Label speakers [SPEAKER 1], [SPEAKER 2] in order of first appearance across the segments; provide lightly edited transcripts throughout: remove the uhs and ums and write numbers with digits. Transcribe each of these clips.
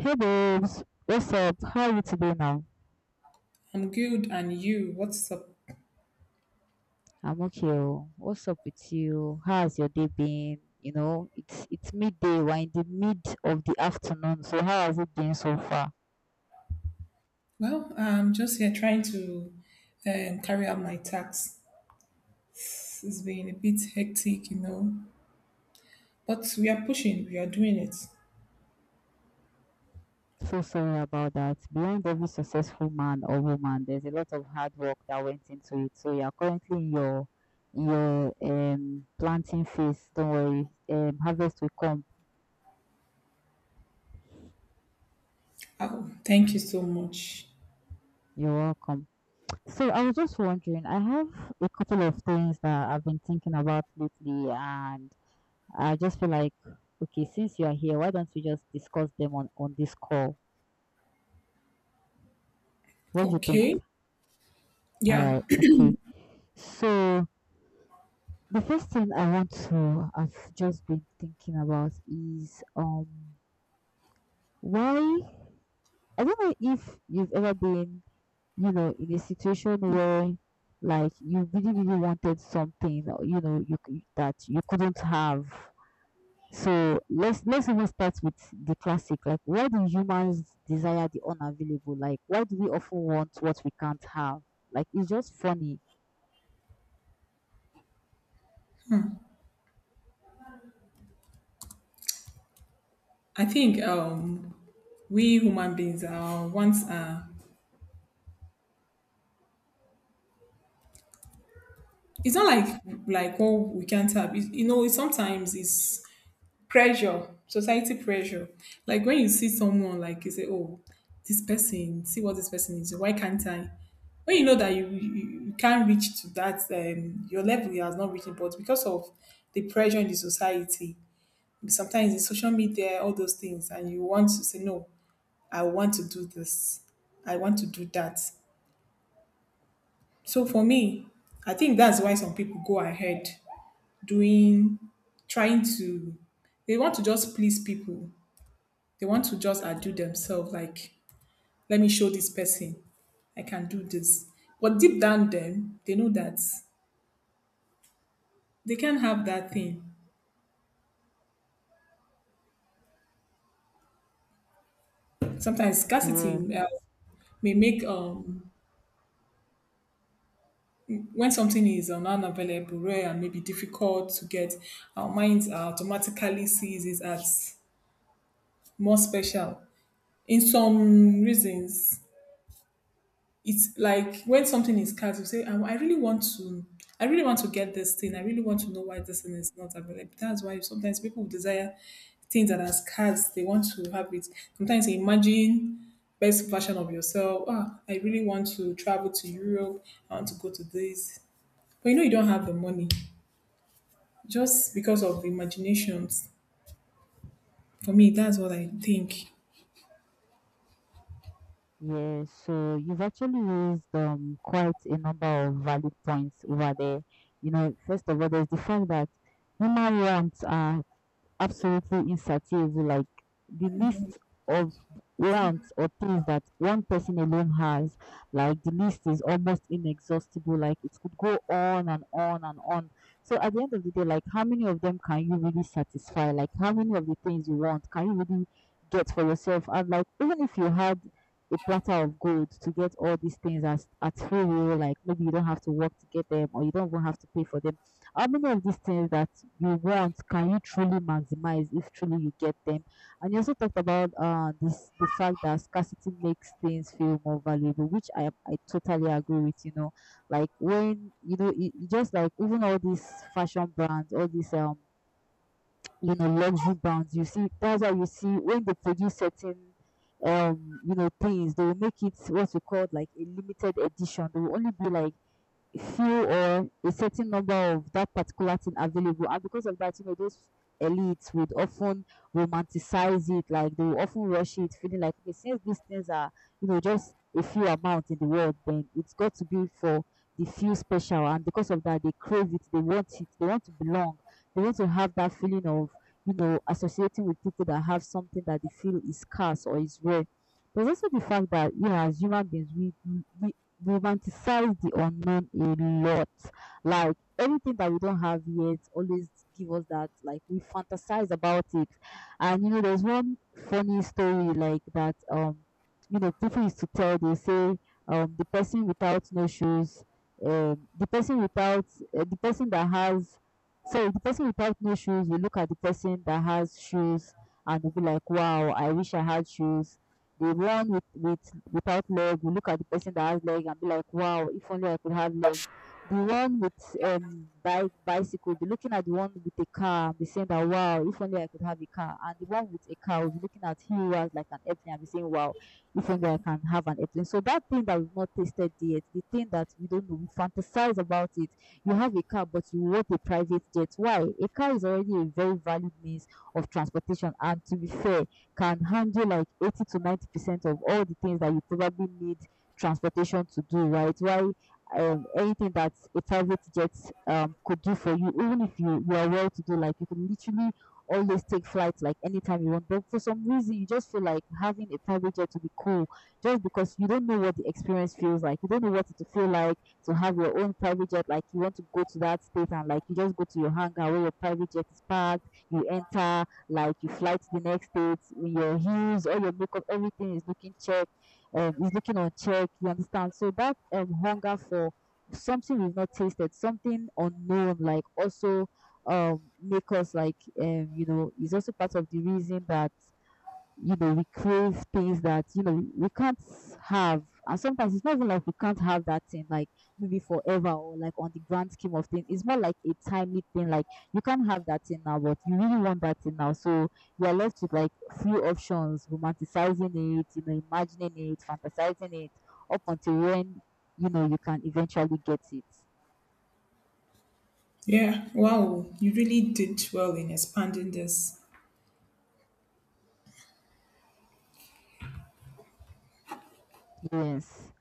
[SPEAKER 1] Hey babes, what's up? How are you today now?
[SPEAKER 2] I'm good, and you? What's up?
[SPEAKER 1] I'm okay. Oh. What's up with you? How's your day been? You know, it's midday. We're in the mid of the afternoon. So how has it been so far?
[SPEAKER 2] Well, I'm just here trying to carry out my tasks. It's been a bit hectic, you know, but we are pushing. We are doing it.
[SPEAKER 1] So sorry about that. Behind every successful man or woman, there's a lot of hard work that went into it. So you are currently in your planting phase. Don't worry, harvest will come.
[SPEAKER 2] Oh, thank you so much.
[SPEAKER 1] You're welcome. So I was just wondering, I have a couple of things that I've been thinking about lately, and I just feel like, okay, since you are here, why don't we just discuss them on this call? What do you think?
[SPEAKER 2] Okay,
[SPEAKER 1] All
[SPEAKER 2] yeah,
[SPEAKER 1] right, okay. So the first thing I want to have just been thinking about is why, I don't know if you've ever been, you know, in a situation where like you really wanted something, or, you know, that you couldn't have. So let's even start with the classic. Like, why do humans desire the unavailable? Like, why do we often want what we can't have? Like, it's just funny.
[SPEAKER 2] I think we human beings are once it's not like oh we can't have. It, you know, sometimes it's pressure society pressure like when you see someone like you say oh this person see what this person is why can't I when you know that you can't reach to that your level you has not reached but because of the pressure in the society sometimes in social media all those things and you want to say no, I want to do this, I want to do that. So for me, I think that's why some people go ahead doing, trying to, they want to just please people, they want to just outdo themselves like let me show this person I can do this, but deep down them they know that they can't have that thing. Sometimes scarcity
[SPEAKER 1] Yeah.
[SPEAKER 2] may make when something is unavailable, rare and maybe difficult to get, our minds automatically sees it as more special in some reasons. It's like when something is scarce, you say, I really want to, I really want to get this thing. I really want to know why this thing is not available. That's why sometimes people desire things that are scarce. They want to have it. Sometimes they imagine best version of yourself. Ah, I really want to travel to Europe. I want to go to this, but you know you don't have the money, just because of imaginations. For me, that's what I think.
[SPEAKER 1] Yes, so you've actually raised quite a number of valid points over there. You know, first of all, there's the fact that human wants are absolutely insatiable. Like the list of wants or things that one person alone has, like the list is almost inexhaustible. Like it could go on and on and on. So at the end of the day, like how many of them can you really satisfy? Like how many of the things you want can you really get for yourself? And like even if you had a platter of gold to get all these things as at free will, like maybe you don't have to work to get them or you don't even have to pay for them, how many of these things that you want can you truly maximize if truly you get them? And you also talked about this the fact that scarcity makes things feel more valuable, which I totally agree with. You know, like when you know it, it just like even all these fashion brands, all these you know luxury brands, you see that's why you see when they produce certain you know things, they will make it what we call like a limited edition. They will only be like few or a certain number of that particular thing available, and because of that, you know, those elites would often romanticize it. Like they will often rush it, feeling like, okay, since these things are, you know, just a few amount in the world, then it's got to be for the few special. And because of that, they crave it, they want it, they want to belong, they want to have that feeling of, you know, associating with people that have something that they feel is scarce or is rare. There's also the fact that, you know, as human beings, we romanticize the unknown a lot. Like anything that we don't have yet always give us that, like we fantasize about it. And you know, there's one funny story like that, you know, people used to tell. They say the person without no shoes, the person without the person that has, so the person without no shoes will look at the person that has shoes and will be like, wow, I wish I had shoes. The one with without leg will look at the person that has leg and be like, wow, if only I could have leg. The one with bike bicycle be looking at the one with a car and be saying that, wow, if only I could have a car. And the one with a car will be looking at him who has like an airplane and be saying, wow, if only I can have an airplane. So that thing that we've not tasted yet, the thing that we don't know, we fantasize about it. You have a car, but you want a private jet. Why? A car is already a very valid means of transportation. And to be fair, can handle like 80 to 90% of all the things that you probably need transportation to do, right? Why, anything that a private jet could do for you, even if you are well to do, like you can literally always take flights like anytime you want. But for some reason, you just feel like having a private jet to be cool just because you don't know what the experience feels like. You don't know what it to feel like to have your own private jet. Like you want to go to that state and like you just go to your hangar where your private jet is parked, you enter, like you fly to the next state, your heels, all your makeup, everything is looking check, is looking on check. You understand? So that hunger for something we've not tasted, something unknown, like also make us like you know is also part of the reason that, you know, we crave things that, you know, we can't have. And sometimes it's not even like we can't have that thing, like maybe forever or like on the grand scheme of things. It's more like a timely thing. Like you can't have that thing now, but you really want that thing now. So you are left with like few options, romanticizing it, you know, imagining it, fantasizing it, up until when, you know, you can eventually get it.
[SPEAKER 2] Yeah. Wow, you really did well in expanding this.
[SPEAKER 1] Yes.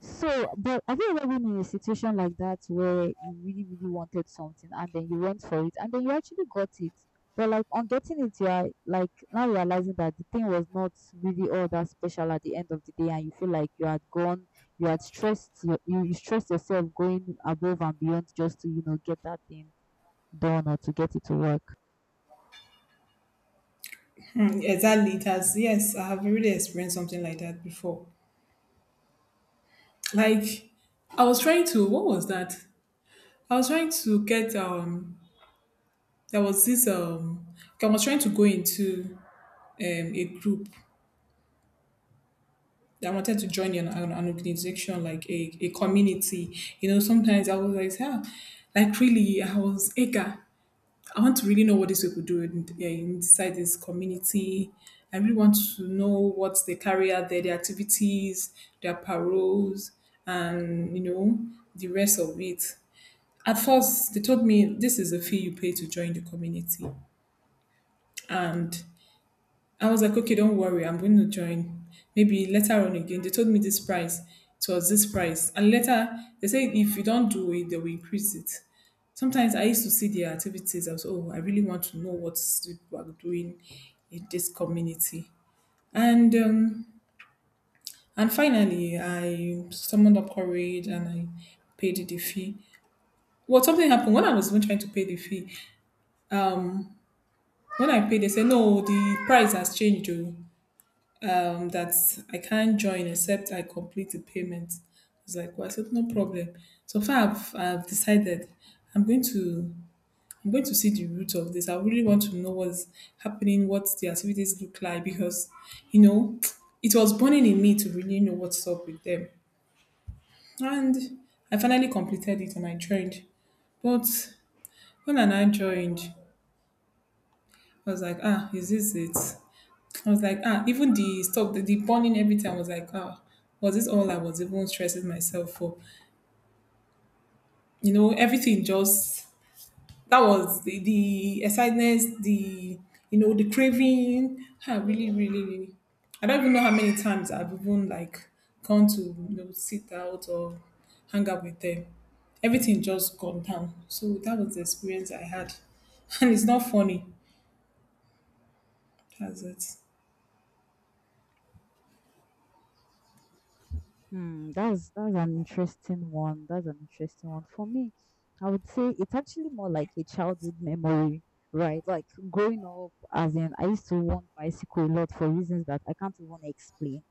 [SPEAKER 1] So, but have you ever been in a situation like that where you really, really wanted something and then you went for it and then you actually got it? But like on getting it, you are like now realizing that the thing was not really all that special at the end of the day, and you feel like you had gone, you had stressed, you stressed yourself going above and beyond just to, you know, get that thing done or to get it to work.
[SPEAKER 2] Exactly. It has, yes, I have really experienced something like that before. Like, I was trying to, what was that? I was trying to get, there was this, I was trying to go into a group that I wanted to join an organization, like a community. You know, sometimes I was like, ah, like really, I was eager. I want to really know what these people do in, yeah, inside this community. I really want to know what they carry out there, their activities, their paroles, and you know the rest of it. At first, they told me this is a fee you pay to join the community, and I was like, okay, don't worry, I'm going to join. Maybe later on again. They told me this price. It was this price. And later they said if you don't do it, they will increase it. Sometimes I used to see their activities. I was, oh, I really want to know what people are doing in this community. And finally I summoned up courage and I paid the fee. Well, something happened when I was even trying to pay the fee. When I paid, they said, no, the price has changed. Oh, that I can't join except I complete the payment. It's like, well, I said, no problem. So far, I've decided I'm going to, I'm going to see the root of this. I really want to know what's happening, what the activities look like, because you know, it was burning in me to really know what's up with them. And I finally completed it and I joined. But when I now joined, I was like, ah, is this it? I was like, ah, even the stuff, the burning everything, I was like, ah, was this all I was even stressing myself for? You know, everything just, that was the excitement, the, you know, the craving. Ah, really, really, really. I don't even know how many times I've even like gone to, you know, sit out or hang out with them. Everything just gone down. So that was the experience I had. And it's not funny. That's it.
[SPEAKER 1] Hmm, that's an interesting one. That's an interesting one. For me, I would say it's actually more like a childhood memory, right? Like growing up, as in I used to want bicycle a lot for reasons that I can't even explain.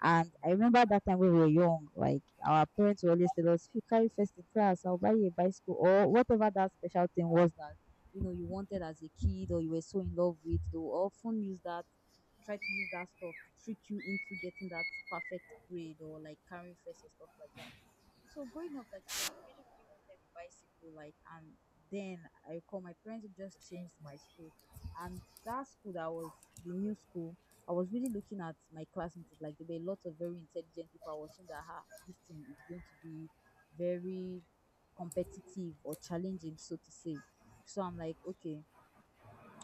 [SPEAKER 1] And I remember that time we were young, like our parents would always tell us, if you carry first in class, I'll buy you a bicycle or whatever that special thing was that you know you wanted as a kid or you were so in love with. They will often use that, try to use that stuff to trick you into getting that perfect grade or like carrying first or stuff like that. So growing up, like I really, really wanted a bicycle, like, and then I call my parents who just changed my school, and that school that was the new school. I was really looking at my classmates, like there were a lot of very intelligent people. I was saying that, ah, this thing is going to be very competitive or challenging, so to say. So I'm like, okay,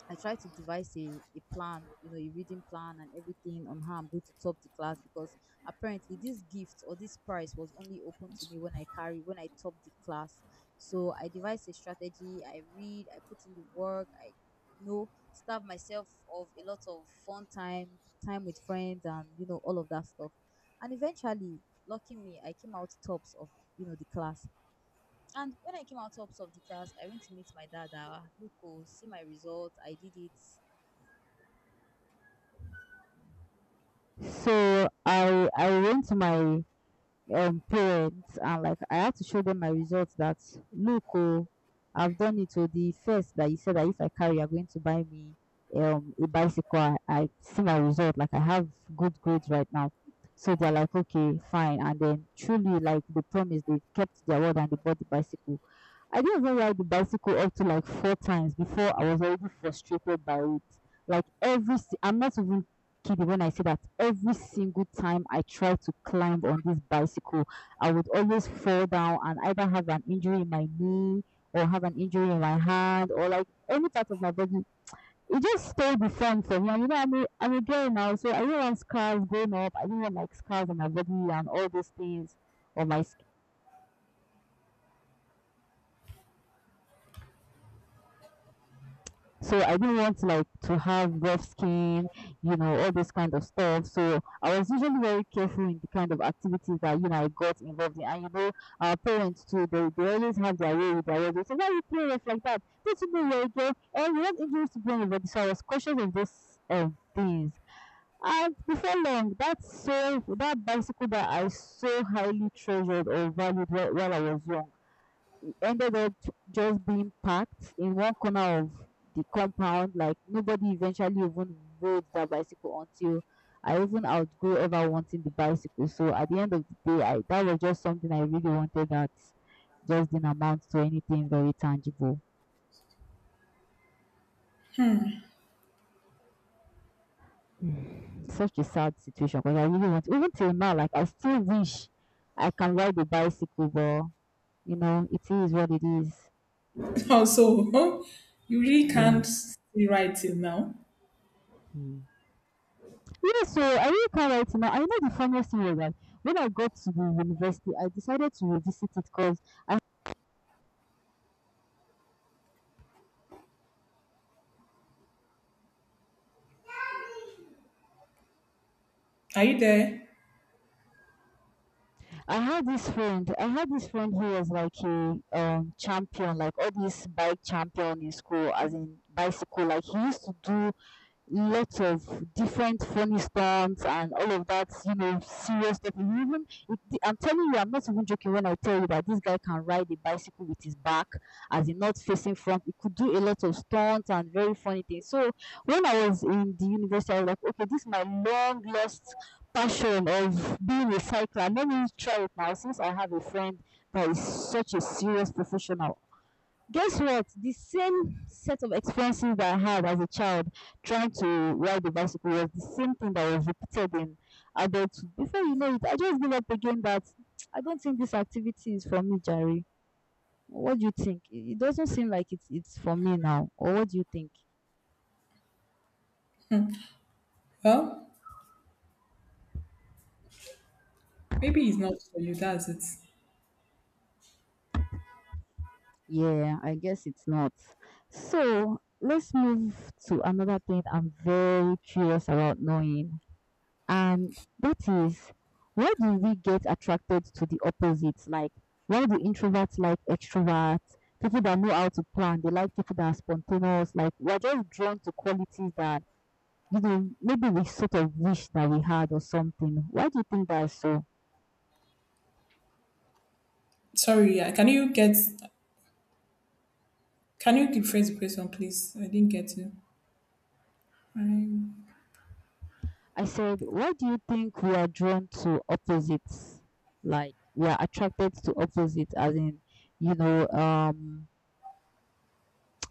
[SPEAKER 1] I try to devise a plan, you know, a reading plan and everything on how I'm going to top the class, because apparently this gift or this prize was only open to me when I carry when I top the class. So I devise a strategy, I read, I put in the work, I, you know, starve myself of a lot of fun time, time with friends and, you know, all of that stuff. And eventually, lucky me, I came out tops of, you know, the class. And when I came out tops of the class, I went to meet my dad. Look, oh, see my result. I did it. So I went to my parents, and like I had to show them my results that look, oh, I've done it to the first that you said that if I carry you're going to buy me a bicycle. I see my result like I have good grades right now. So they're like, okay, fine, and then truly like they promised, they kept their word and they bought the bicycle. I didn't even ride the bicycle up to like 4 times before I was already frustrated by it. Like every, I'm not even kid when I see that every single time I try to climb on this bicycle, I would always fall down and either have an injury in my knee or have an injury in my hand or like any part of my body. It just stayed the same for me. And you know, I'm a girl now, so I didn't want scars going up. I didn't want like scars on my body and all those things on my So I didn't want like to have rough skin, you know, all this kind of stuff. So I was usually very careful in the kind of activities that you know I got involved in. And you know, our parents too, they always have their way with their words. They say, "Why you play rough like that? Don't you know you're a girl? And you're not introduced to being anybody." So I was cautious of those things. And before long, that bicycle that I so highly treasured or valued while I was young ended up just being packed in one corner of the compound. Like nobody eventually even rode that bicycle until I even outgrew ever wanting the bicycle. So at the end of the day, I that was just something I really wanted that just didn't amount to anything very tangible. Such a sad situation because I really want even till now, like I still wish I can ride a bicycle, but you know, it is what it is.
[SPEAKER 2] Also, you really
[SPEAKER 1] Yeah.
[SPEAKER 2] can't see right till now.
[SPEAKER 1] Yeah, so I really can't wait now. I know the funniest thing was that when I got to the university, I decided to revisit it because I,
[SPEAKER 2] Are you there?
[SPEAKER 1] I had this friend. I had this friend who was like a champion, like all these bike champion in school, as in bicycle. Like he used to do lots of different funny stunts and all of that, you know, serious stuff. I'm telling you, I'm not even joking when I tell you that this guy can ride a bicycle with his back, as in not facing front. He could do a lot of stunts and very funny things. So when I was in the university, I was like, okay, this is my long lost passion of being a cycler. Let me try it now, since I have a friend that is such a serious professional. Guess what? The same set of experiences that I had as a child trying to ride the bicycle was the same thing that was repeated in adulthood. Before you know it, I just gave up again that I don't think this activity is for me, Jerry. What do you think? It doesn't seem like it's for me now. Or what do you think?
[SPEAKER 2] Well, maybe it's not for you. That's it.
[SPEAKER 1] Yeah, I guess it's not. So let's move to another thing I'm very curious about knowing. And that is, why do we get attracted to the opposites? Like, why do introverts like extroverts? People that know how to plan, they like people that are spontaneous. Like, we're just drawn to qualities that, you know, maybe we sort of wish that we had or something. Why do you think that is so?
[SPEAKER 2] Sorry. Can you get? Can you rephrase the question, please? I didn't get you. I'm
[SPEAKER 1] I said, why do you think we are drawn to opposites? Like, we are attracted to opposites, as in, you know,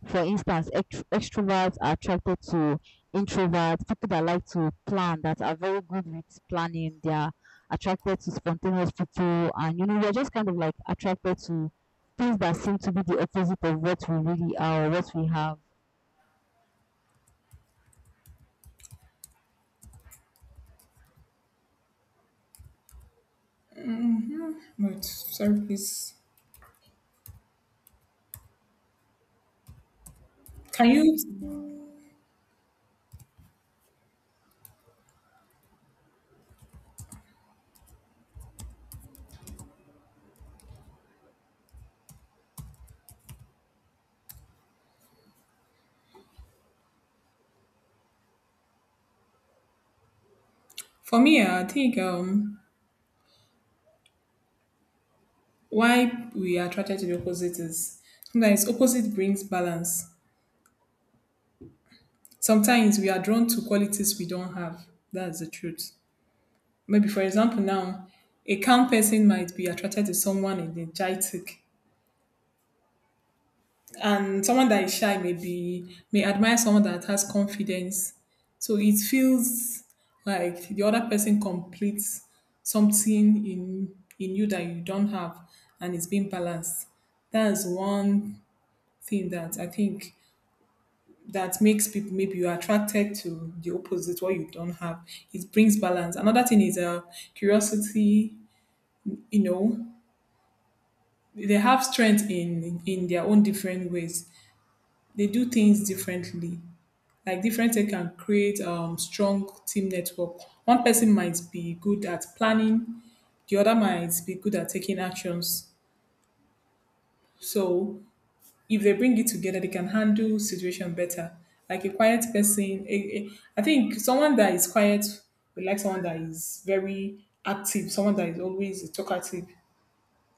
[SPEAKER 1] for instance, extroverts are attracted to introverts, people that like to plan, that are very good with planning. They are attracted to spontaneous people, and you know, we're just kind of like attracted to things that seem to be the opposite of what we really are or what we have.
[SPEAKER 2] but sorry, please. Can you? For me, I think why we are attracted to the opposite is sometimes opposite brings balance. Sometimes we are drawn to qualities we don't have. That's the truth. Maybe for example, now a calm person might be attracted to someone energetic, and someone that is shy may be may admire someone that has confidence. So it feels like the other person completes something in you that you don't have, and it's being balanced. That's one thing that I think that makes people maybe you're attracted to the opposite what you don't have. It brings balance. Another thing is curiosity, you know, they have strength in their own different ways, they do things differently, like different tech can create strong team network. One person might be good at planning, the other might be good at taking actions. So if they bring it together, they can handle situation better. Like a quiet person, I think someone that is quiet will like someone that is very active, someone that is always talkative.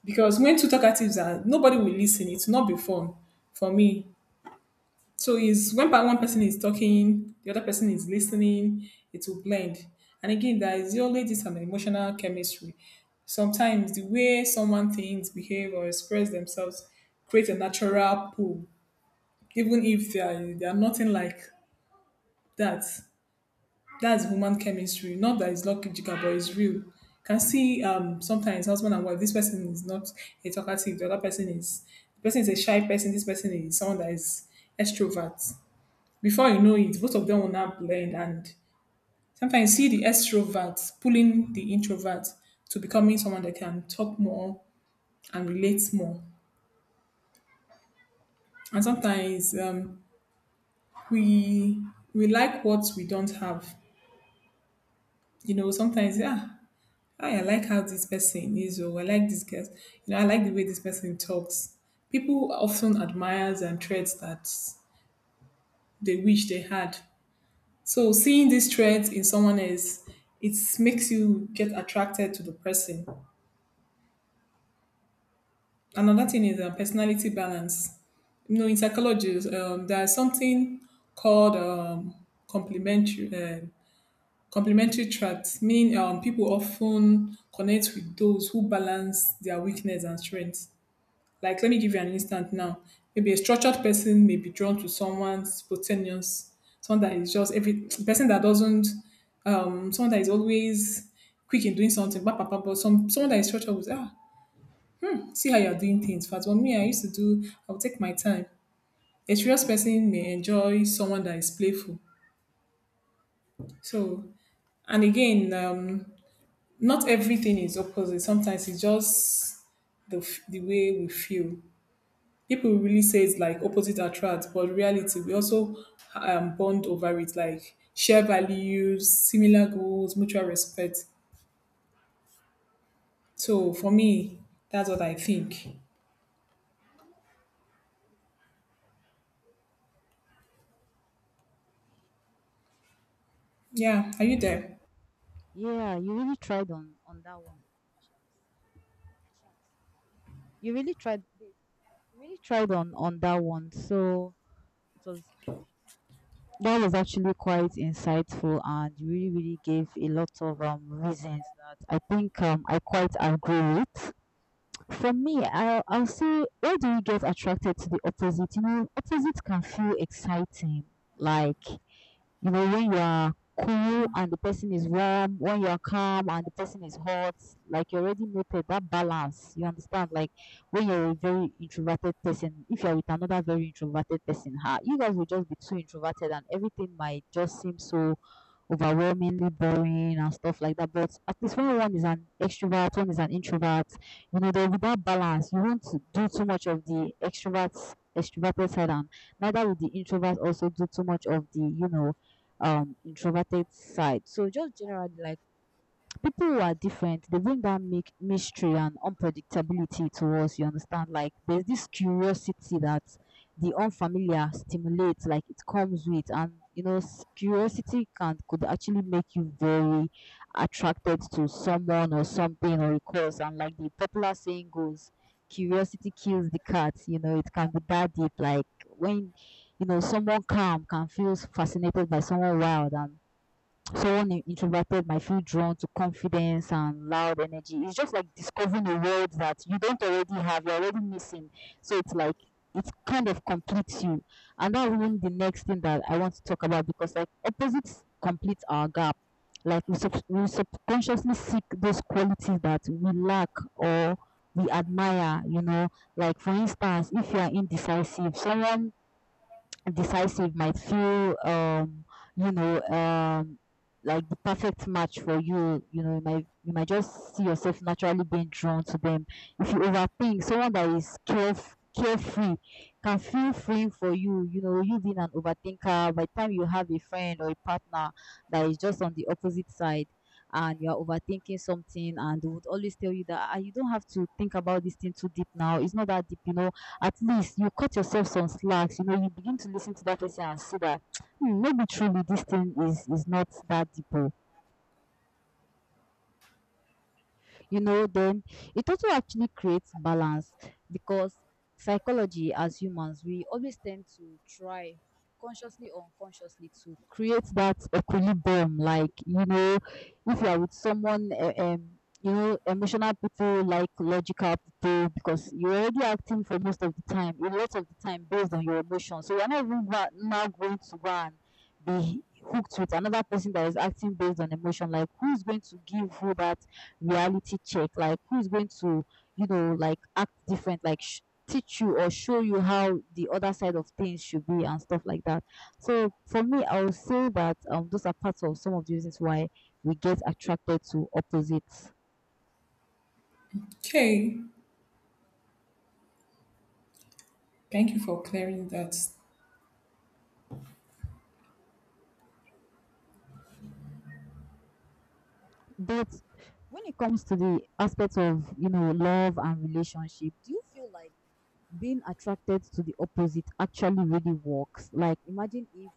[SPEAKER 2] Because when two talkatives are, nobody will listen. It's not be fun for me. So is when one person is talking, the other person is listening, it will blend. And again, there is always this an emotional chemistry. Sometimes the way someone thinks, behave, or express themselves create a natural pull, even if they are nothing like that. That's human chemistry. Not that it's logical, but it's real. Can see sometimes husband and wife. This person is not a talkative. The other person is the person is a shy person. This person is someone that is extrovert. Before you know it, both of them will now blend. And sometimes you see the extroverts pulling the introvert to becoming someone that can talk more and relate more. And sometimes we we like what we don't have. You know, sometimes yeah, I like how this person is, or I like this guy. You know, I like the way this person talks. People often admire and traits that they wish they had. So seeing these traits in someone else, it makes you get attracted to the person. Another thing is personality balance. You know, in psychology, there's something called complementary uh, complementary traits, meaning people often connect with those who balance their weakness and strength. Like, let me give you an instant now. Maybe a structured person may be drawn to someone spontaneous, someone that is just every person that doesn't, someone that is always quick in doing something, but, some someone that is structured with ah see how you're doing things fast. But me, I used to do, I'll take my time. A serious person may enjoy someone that is playful. So, and again, not everything is opposite. Sometimes it's just the, the way we feel. People really say it's like opposite attracts, but reality, we also bond over it, like share values, similar goals, mutual respect. So for me, that's what I think. Yeah, are you there?
[SPEAKER 1] Yeah, you really tried on that one. Ashat. Ashat. You really tried, babe. You really tried on that one. So it was that was actually quite insightful and you really, really gave a lot of reasons that I think I quite agree with. For me, I'll say, why do you get attracted to the opposite? You know, opposite can feel exciting. Like, you know, when you are cool and the person is warm, when you are calm and the person is hot, like you already noted that balance. You understand? Like when you're a very introverted person, if you're with another very introverted person, ha, you guys will just be too introverted and everything might just seem so overwhelmingly boring and stuff like that. But at least when one is an extrovert, one is an introvert, you know, there will be that balance. You won't do too much of the extroverts extroverted side and neither will the introvert also do too much of the, you know, introverted side. So just generally, like people who are different, they bring that make mystery and unpredictability to us. You understand? Like there's this curiosity that the unfamiliar stimulates, like it comes with. And you know, curiosity can could actually make you very attracted to someone or something or a cause. And like the popular saying goes, curiosity kills the cat. You know, it can be that deep. Like when you know, someone calm can feel fascinated by someone wild, and someone introverted might feel drawn to confidence and loud energy. It's just like discovering a world that you don't already have, you're already missing. So it's like it kind of completes you. And that's even the next thing that I want to talk about, because like opposites complete our gap. Like we subconsciously seek those qualities that we lack or we admire, you know. Like for instance, if you are indecisive, someone decisive might feel you know like the perfect match for you. You know, you might just see yourself naturally being drawn to them. If you overthink, someone that is carefree can feel free for you. You know, you being an overthinker, by the time you have a friend or a partner that is just on the opposite side, and you are overthinking something, and they would always tell you that ah, you don't have to think about this thing too deep now, it's not that deep, you know, at least you cut yourself some slacks. You know, you begin to listen to that person and see that hmm, maybe truly this thing is not that deep. Oh, you know, then it also actually creates balance, because psychology as humans, we always tend to try consciously or unconsciously to create that equilibrium. Like, you know, if you are with someone, you know, emotional people like logical people, because you're already acting for most of the time, a lot of the time based on your emotions. So you're not even now going to go and be hooked with another person that is acting based on emotion. Like who's going to give who that reality check? Like who's going to, you know, like act different, like teach you or show you how the other side of things should be and stuff like that. So for me, I would say that those are parts of some of the reasons why we get attracted to opposites.
[SPEAKER 2] Okay, thank you for clearing that.
[SPEAKER 1] But when it comes to the aspect of, you know, love and relationship, do you feel like being attracted to the opposite actually really works? Like imagine if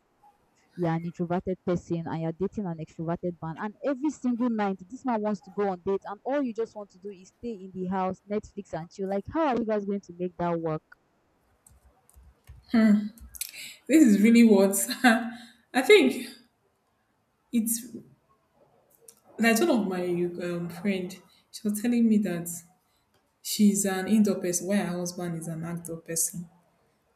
[SPEAKER 1] you're an introverted person and you're dating an extroverted man, and every single night this man wants to go on dates, and all you just want to do is stay in the house, Netflix, and chill. Like, how are you guys going to make that work?
[SPEAKER 2] This is really what I think it's like one of my friend. She was telling me that she's an indoor person, while her husband is an outdoor person.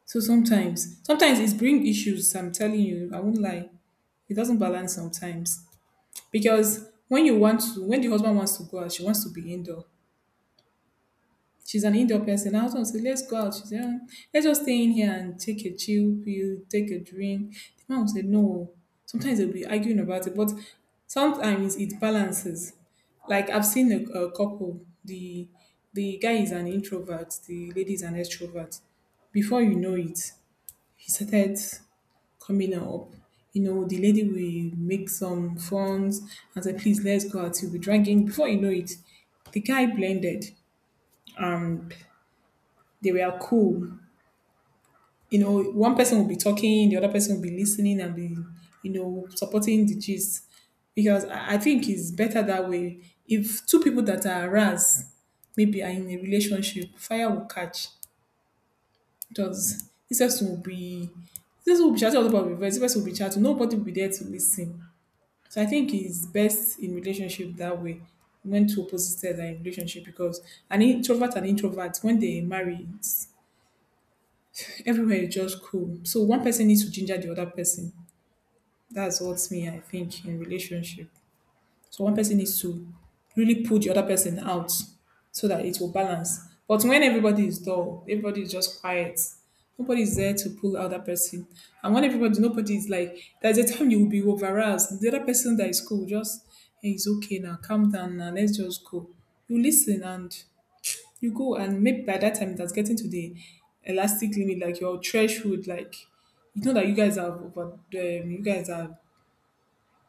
[SPEAKER 2] So sometimes it's bring issues. I'm telling you, I won't lie. It doesn't balance sometimes because when you want to, when the husband wants to go out, she wants to be indoor. She's an indoor person. I was gonna say, let's go out. She said, let's just stay in here and take a chill pill, take a drink. The man said, no. Sometimes they'll be arguing about it, but sometimes it balances. Like I've seen a couple. The guy is an introvert. The lady is an extrovert. Before you know it, he started coming up. You know, the lady will make some phones and say, please, let's go out. He'll be drinking. Before you know it, the guy blended. Um, they were cool. You know, one person will be talking, the other person will be listening and be, you know, supporting the gist. Because I think it's better that way. If two people that are aroused maybe are in a relationship, fire will catch. Because this person will be chatting all about reverse, this person will be chatting, nobody will be there to listen. So I think it's best in relationship that way when two opposites are in relationship because an introvert and introvert when they marry it's everywhere is just cool. So one person needs to ginger the other person. That's what me I think in relationship. So one person needs to really pull the other person out so that it will balance. But when everybody is dull, everybody is just quiet. Nobody is there to pull out that person. And when everybody, nobody is like, there's a time you will be overroused. The other person that is cool, just, hey, it's okay now, calm down now, let's just go. You listen and you go and maybe by that time that's getting to the elastic limit like your threshold like you know that you guys are over you guys are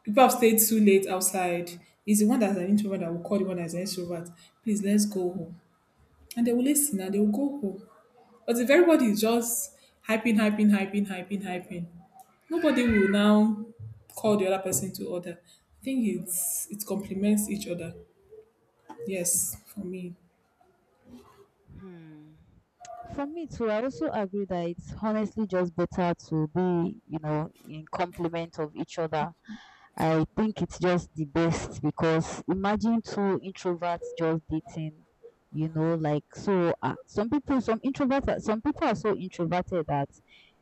[SPEAKER 2] people have stayed too late outside. It's the one that's an introvert that will call the one that's an extrovert. Please, let's go home. And they will listen and they will go home. But if everybody is just hyping, hyping, hyping, hyping, hyping, nobody will now call the other person to order. I think it's it complements each other. Yes, for me.
[SPEAKER 1] Hmm. For me too, I also agree that it's honestly just better to be, you know, in complement of each other. I think it's just the best, because imagine two introverts just dating, you know, like so. Some people, some introverts, some people are so introverted that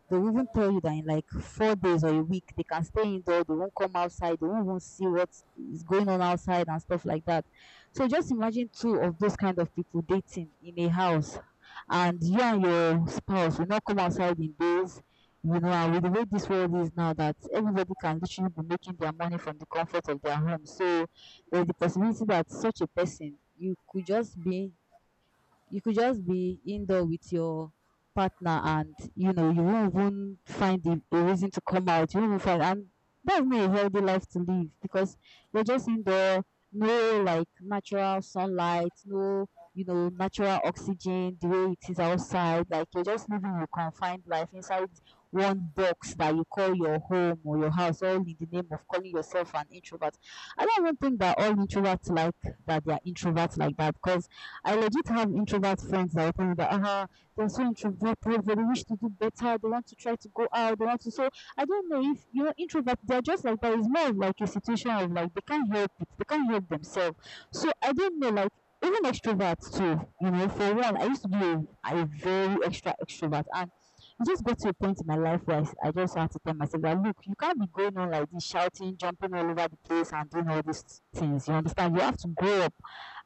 [SPEAKER 1] they will even tell you that in like 4 days or a week they can stay indoor, they won't come outside, they won't even see what is going on outside and stuff like that. So just imagine two of those kind of people dating in a house, and you and your spouse will not come outside in days, you know, and with the way this world is now, that everybody can literally be making their money from the comfort of their home. So there's the possibility that such a person, you could just be indoor with your partner, and you know you won't even find a reason to come out, you won't even find. And that's not a healthy life to live, because you're just indoor, no like natural sunlight, no, you know, natural oxygen the way it is outside. Like you're just living your confined life inside one box that you call your home or your house, all in the name of calling yourself an introvert. I don't even think that all introverts like that, they are introverts like that, because I legit have introvert friends that will tell me that they're so introverted, they really wish to do better, they want to try to go out, they want to. So I don't know if you know introvert, they're just like that. It's more of like a situation of like they can't help it, they can't help themselves. So I don't know, like even extroverts too. You know, for one, I used to be a very extra extrovert, and it just got to a point in my life where I just had to tell myself that look, you can't be going on like this, shouting, jumping all over the place, and doing all these things. You understand? You have to grow up,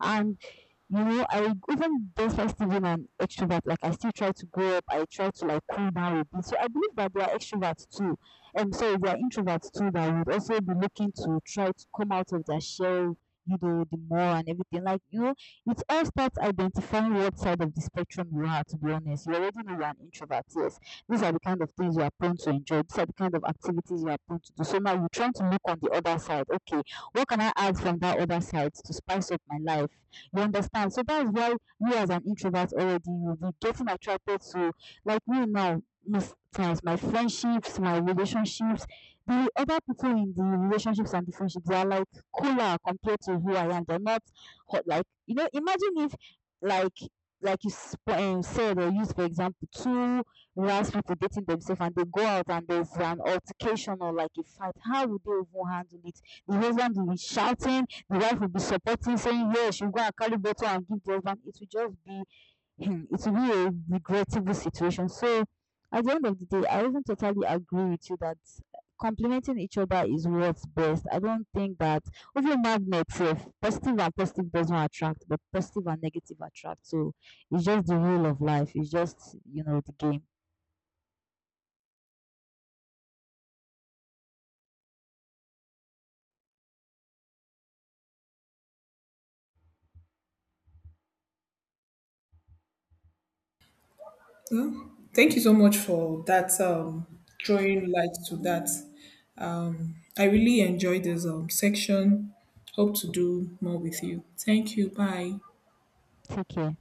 [SPEAKER 1] and you know, I even though even an extrovert, like I still try to grow up, I try to like cool down a bit. So I believe that there are extroverts too. And so there are introverts too that would also be looking to try to come out of their shell, you know, the more and everything. Like, you know, it all starts identifying what side of the spectrum you are, to be honest. You already know you're an introvert, yes. These are the kind of things you are prone to enjoy, these are the kind of activities you are prone to do. So now you're trying to look on the other side. Okay, what can I add from that other side to spice up my life? You understand? So that's why we as an introvert already will be getting attracted to, like me now. Most times, my friendships, my relationships, the other people in the relationships and the friendships, they are like cooler compared to who I am. They're not hot. Like you know, imagine if like said or used for example two rash people dating themselves and they go out and there's an altercation or like a fight, how would they even handle it? The husband will be shouting, the wife will be supporting, saying, yes. She'll go and carry bottle and give the husband. It will just be it will be a regrettable situation. So at the end of the day, I even totally agree with you that complementing each other is what's best. I don't think that even magnet, if positive and positive does not attract, but positive and negative attract. So it's just the rule of life. It's just, you know, the game.
[SPEAKER 2] Well, thank you so much for that drawing light to that. I really enjoyed this section. Hope to do more with you. Thank you. Bye.
[SPEAKER 1] Take care.